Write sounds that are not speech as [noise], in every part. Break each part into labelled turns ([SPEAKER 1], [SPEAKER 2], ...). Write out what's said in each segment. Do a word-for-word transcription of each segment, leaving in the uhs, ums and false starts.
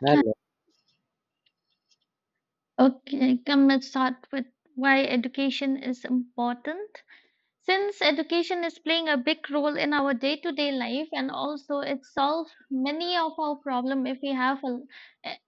[SPEAKER 1] Hello.
[SPEAKER 2] Okay, come let's start with why education is important. Since education is playing a big role in our day-to-day life and also it solves many of our problem if we have a,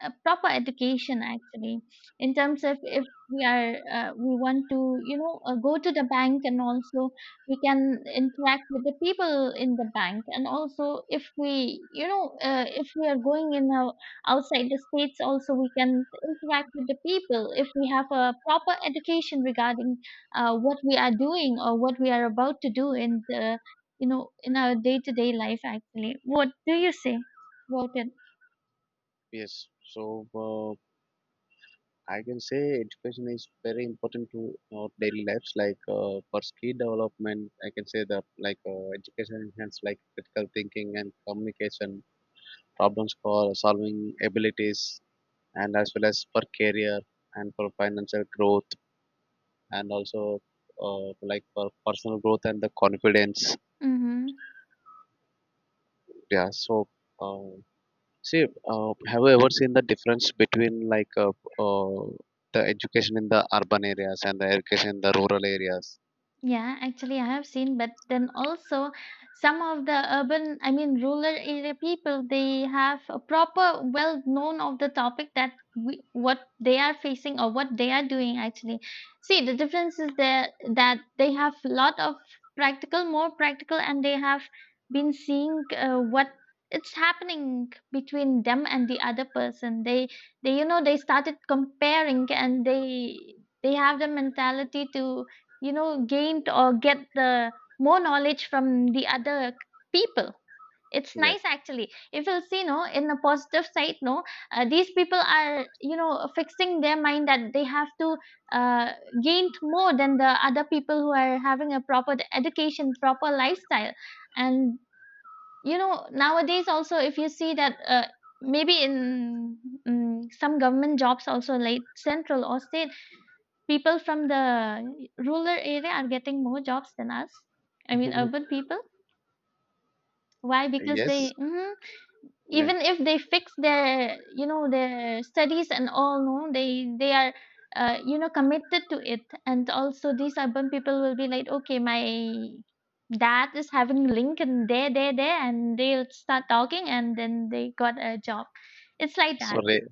[SPEAKER 2] a proper education actually in terms of if we are uh, we want to you know uh, go to the bank, and also we can interact with the people in the bank, and also if we you know uh, if we are going in our, outside the states, also we can interact with the people if we have a proper education regarding uh, what we are doing or what we are about to do in the you know in our day to day life actually. What do you say about it?
[SPEAKER 1] Yes. So uh, I can say education is very important to our daily lives. Like uh, for skill development, I can say that like uh, education enhance like critical thinking and communication, problem score solving abilities, and as well as for career and for financial growth, and also uh, like for personal growth and the confidence.
[SPEAKER 2] Mm-hmm.
[SPEAKER 1] Yeah. So. Uh, See, uh, have you ever seen the difference between like uh, uh, the education in the urban areas and the education in the rural areas?
[SPEAKER 2] Yeah, actually, I have seen, but then also some of the urban, I mean, rural area people, they have a proper well known of the topic that we, what they are facing or what they are doing actually. See, the difference is there that they have lot of practical, more practical, and they have been seeing uh, what it's happening between them and the other person. They, they, you know, they started comparing, and they, they have the mentality to you know gained or get the more knowledge from the other people. It's
[SPEAKER 1] Yeah.
[SPEAKER 2] nice actually, if you'll see, no, in a positive side. No, uh, these people are you know fixing their mind that they have to uh, gain more than the other people who are having a proper education, proper lifestyle. And you know nowadays also, if you see that uh, maybe in mm, some government jobs also, like central or state, people from the rural area are getting more jobs than us. I mean,
[SPEAKER 1] [laughs]
[SPEAKER 2] urban people. Why? Because
[SPEAKER 1] Yes.
[SPEAKER 2] they. Mhm.
[SPEAKER 1] Yeah.
[SPEAKER 2] Even if they fix their you know their studies and all, no, they they are uh, you know committed to it. And also, these urban people will be like, okay, my dad is having link and there, there, there, and they'll start talking, and then they got a job. It's like
[SPEAKER 1] So
[SPEAKER 2] that.
[SPEAKER 1] re- okay.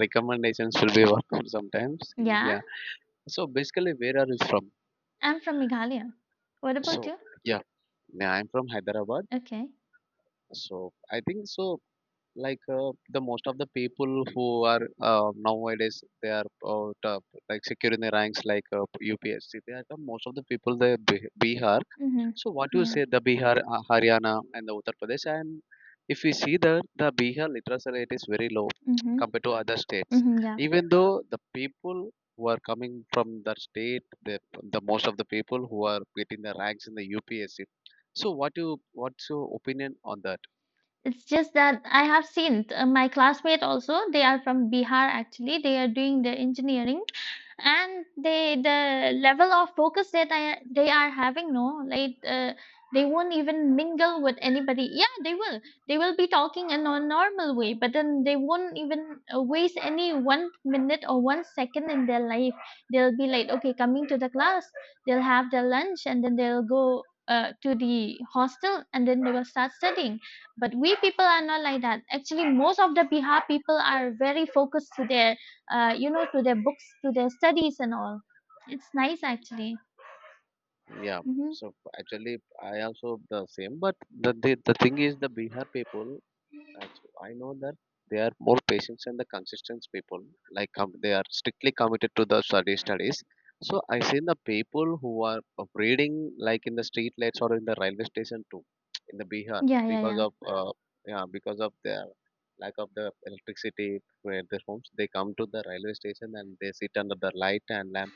[SPEAKER 1] Recommendations will be worked sometimes.
[SPEAKER 2] Yeah,
[SPEAKER 1] Yeah. So basically, where are you from?
[SPEAKER 2] I'm from Meghalaya. What about
[SPEAKER 1] So
[SPEAKER 2] you?
[SPEAKER 1] yeah, yeah, I'm from Hyderabad.
[SPEAKER 2] Okay.
[SPEAKER 1] So I think so. Like uh, the most of the people who are uh, nowadays, they are uh, top, like securing the ranks like uh, U P S C. They are the most of the people they Bihar.
[SPEAKER 2] Mm-hmm.
[SPEAKER 1] So what do you
[SPEAKER 2] Yeah.
[SPEAKER 1] say the Bihar, uh, Haryana, and the Uttar Pradesh? And if we see that the Bihar literacy rate is very low
[SPEAKER 2] Mm-hmm.
[SPEAKER 1] [tsk] compared to other states,
[SPEAKER 2] Mhm, yeah.
[SPEAKER 1] even though the people who are coming from the state, the, the most of the people who are getting the ranks in the U P S C. So what you what's your opinion on that?
[SPEAKER 2] It's just that I have seen uh, my classmate also, they are from Bihar actually. They are doing their engineering, and they, the level of focus that I, they are having, no, like uh, they won't even mingle with anybody. Yeah, they will they will be talking in a normal way, but then they won't even uh, waste any one minute or one second in their life. They'll be like, okay, coming to the class, they'll have their lunch, and then they'll go uh, to the hostel, and then they will start studying. But we people are not like that. Actually, most of the bihar people are very focused to their uh, you know, to their books, to their studies and all. It's nice actually.
[SPEAKER 1] Yeah.
[SPEAKER 2] Mm-hmm.
[SPEAKER 1] So actually, I also the same, but the the, the thing is the Bihar people. And so I know that they are more patients and the consistent people. Like um, they are strictly committed to the study studies. So I seen the people who are uh, reading like in the street lights or in the railway station too, in the Bihar
[SPEAKER 2] Yeah, yeah,
[SPEAKER 1] because
[SPEAKER 2] yeah.
[SPEAKER 1] of uh, yeah because of their lack of the electricity where their homes. They come to the railway station and they sit under the light and lamp.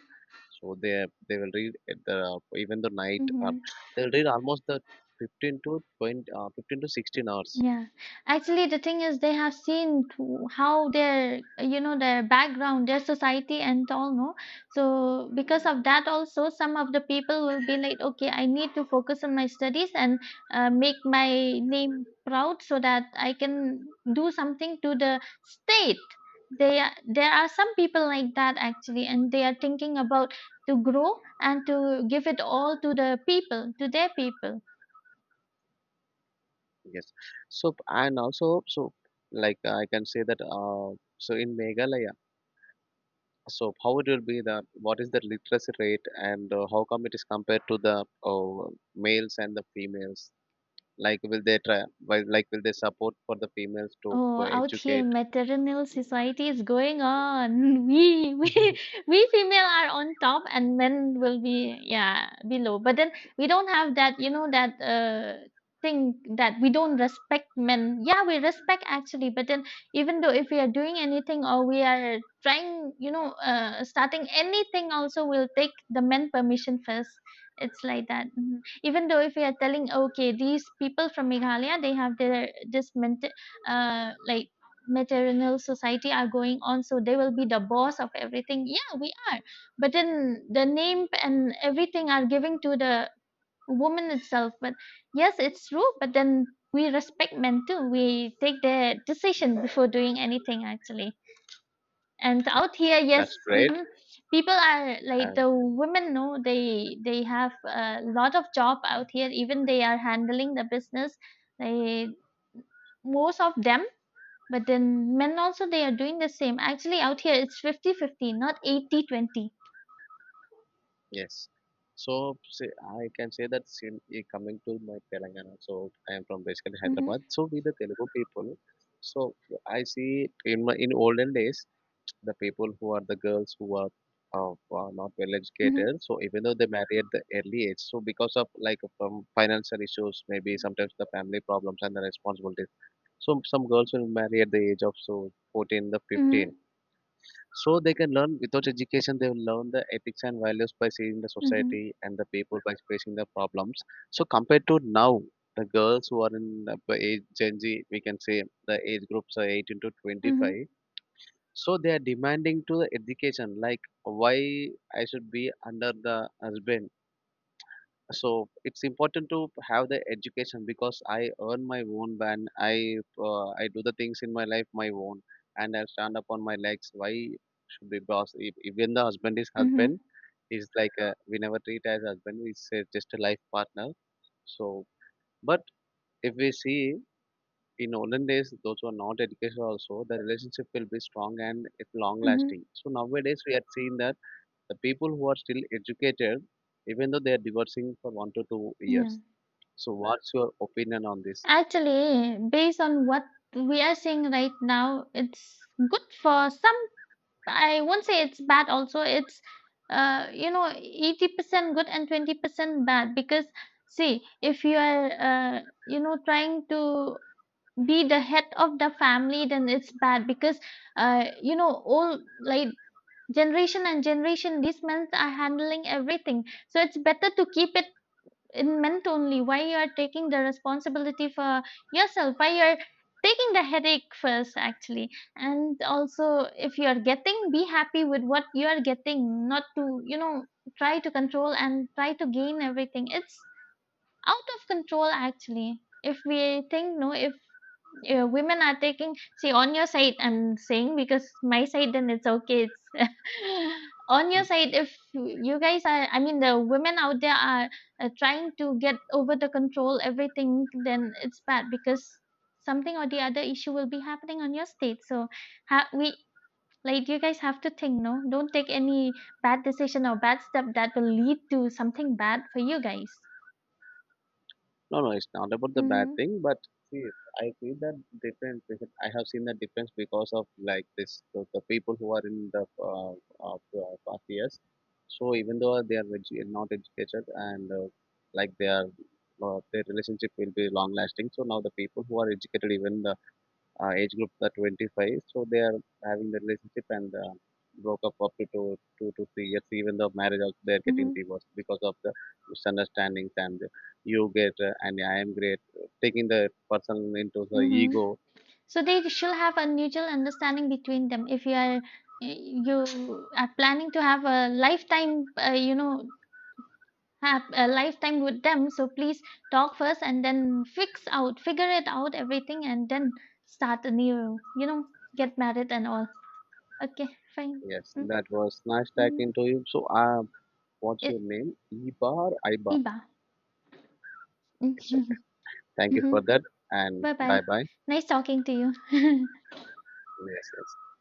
[SPEAKER 1] So they they will read at the even the night, or
[SPEAKER 2] Mm-hmm.
[SPEAKER 1] they'll read almost the fifteen to twenty, uh, fifteen to sixteen hours.
[SPEAKER 2] Yeah, actually, the thing is, they have seen to how their, you know, their background, their society, and all, no? So because of that, also, some of the people will be like, okay, I need to focus on my studies and uh, make my name proud so that I can do something to the state. They are, there are some people like that actually, and they are thinking about to grow and to give it all to the people, to their people.
[SPEAKER 1] Yes. So and also so like uh, I can say that uh, so in Meghalaya, so how it will be the what is the literacy rate, and uh, how come it is compared to the uh, males and the females? Like will they try? Will, like will they support for the females to
[SPEAKER 2] Oh,
[SPEAKER 1] uh,
[SPEAKER 2] out here,
[SPEAKER 1] educate?
[SPEAKER 2] maternal society is going on. [laughs] We, we,
[SPEAKER 1] [laughs]
[SPEAKER 2] we female are on top, and men will be, yeah, below. But then we don't have that, you know, that uh thing that we don't respect men. Yeah, we respect actually, but then even though if we are doing anything, or we are trying, you know, uh, starting anything, also we'll take the men permission first. It's like that. Mhm. Even though if we are telling, okay, these people from Meghalaya, they have their this mentality uh, like maternal society are going on, so they will be the boss of everything. Yeah, we are, but then the name and everything are giving to the woman itself. But yes, it's true, but then we respect men too. We take their decision before doing anything actually. And out here, yes.
[SPEAKER 1] That's great.
[SPEAKER 2] Mhm, people are like
[SPEAKER 1] Uh,
[SPEAKER 2] the women. No, they they have a lot of job out here. Even they are handling the business, they most of them. But then men also, they are doing the same. Actually, out here it's fifty fifty, not eighty twenty.
[SPEAKER 1] yes. So say, I can say that sin, eh, coming to my Telangana, so I am from basically Hyderabad.
[SPEAKER 2] Mhm.
[SPEAKER 1] So we the Telugu people. So I see in my in olden days, the people who are the girls who are uh, uh, not well
[SPEAKER 2] Mhm.
[SPEAKER 1] educated. So even though they marry at the early age, so because of like from financial issues, maybe sometimes the family problems and the responsibilities. So some girls will marry at the age of so fourteen to fifteen.
[SPEAKER 2] Mhm.
[SPEAKER 1] So they can learn without education. They will learn the ethics and values by seeing the
[SPEAKER 2] Mhm.
[SPEAKER 1] society and the people by facing the problems. So compared to now, the girls who are in the age Gen Z, we can say the age groups are eighteen to
[SPEAKER 2] Mhm.
[SPEAKER 1] twenty-five, so they are demanding to the education, like why I should be under the husband. So it's important to have the education because I earn my own van. I uh, I do the things in my life my own, and I stand up on my legs. Why should be boss? If, even the husband is
[SPEAKER 2] Mhm.
[SPEAKER 1] husband, he's like uh we never treat as husband. He's uh, just a life partner. So, but if we see in olden days those who are not educated also the relationship will be strong and it long
[SPEAKER 2] Mhm.
[SPEAKER 1] lasting, so nowadays we are seeing that the people who are still educated, even though they are divorcing for one to two
[SPEAKER 2] Yeah.
[SPEAKER 1] years So what's your opinion on this?
[SPEAKER 2] Actually, based on what we are seeing right now, it's good for some. I won't say it's bad also. It's uh you know eighty percent good and twenty percent bad. Because see, if you are uh you know trying to be the head of the family, then it's bad, because uh you know, all, like, generation and generation, these men are handling everything. So it's better to keep it in meant only. Why you are taking the responsibility for yourself? Why you are taking the headache first actually? And also, if you are getting, be happy with what you are getting. Not to, you know, try to control and try to gain everything. It's out of control actually, if we think, no. If uh, women are taking, see on your side, I'm saying, because my side, then it's okay. It's [laughs] on your side. If you guys are, I mean, the women out there are uh, trying to get over the control everything, then it's bad, because something or the other issue will be happening on your state. So ha- we, like, you guys have to think, no, don't take any bad decision or bad step that will lead to something bad for you guys.
[SPEAKER 1] No, no, it's not about the bad
[SPEAKER 2] Mm-hmm.
[SPEAKER 1] thing, but see, I see that difference, because I have seen that difference because of like this, the, the people who are in the uh, uh, uh, past years. So even though they are edu- not educated and uh, like they are, uh, their relationship will be long lasting. So now the people who are educated, even the uh, age group the twenty-five, so they are having the relationship and uh, broke up up to two, two to three years, even though marriage also they are getting
[SPEAKER 2] Mm-hmm.
[SPEAKER 1] divorced because of the misunderstandings and you get uh, and I am great taking the person into the
[SPEAKER 2] Mhm.
[SPEAKER 1] ego.
[SPEAKER 2] So they should have a mutual understanding between them. If you are eh, you are planning to have a lifetime, uh, you know, have a lifetime with them, so please talk first and then fix out, figure it out, everything, and then start a new, you know, get married and all. Okay, fine.
[SPEAKER 1] Yes, that was nice talking
[SPEAKER 2] Mm-hmm.
[SPEAKER 1] to you. So uh, what's your
[SPEAKER 2] It,
[SPEAKER 1] name? iba or iba?
[SPEAKER 2] Iba.
[SPEAKER 1] It's okay.
[SPEAKER 2] [laughs]
[SPEAKER 1] Thank you
[SPEAKER 2] Mm-hmm.
[SPEAKER 1] for that. And
[SPEAKER 2] Bye bye.
[SPEAKER 1] bye bye.
[SPEAKER 2] Nice talking to you. [laughs]
[SPEAKER 1] Yes, yes.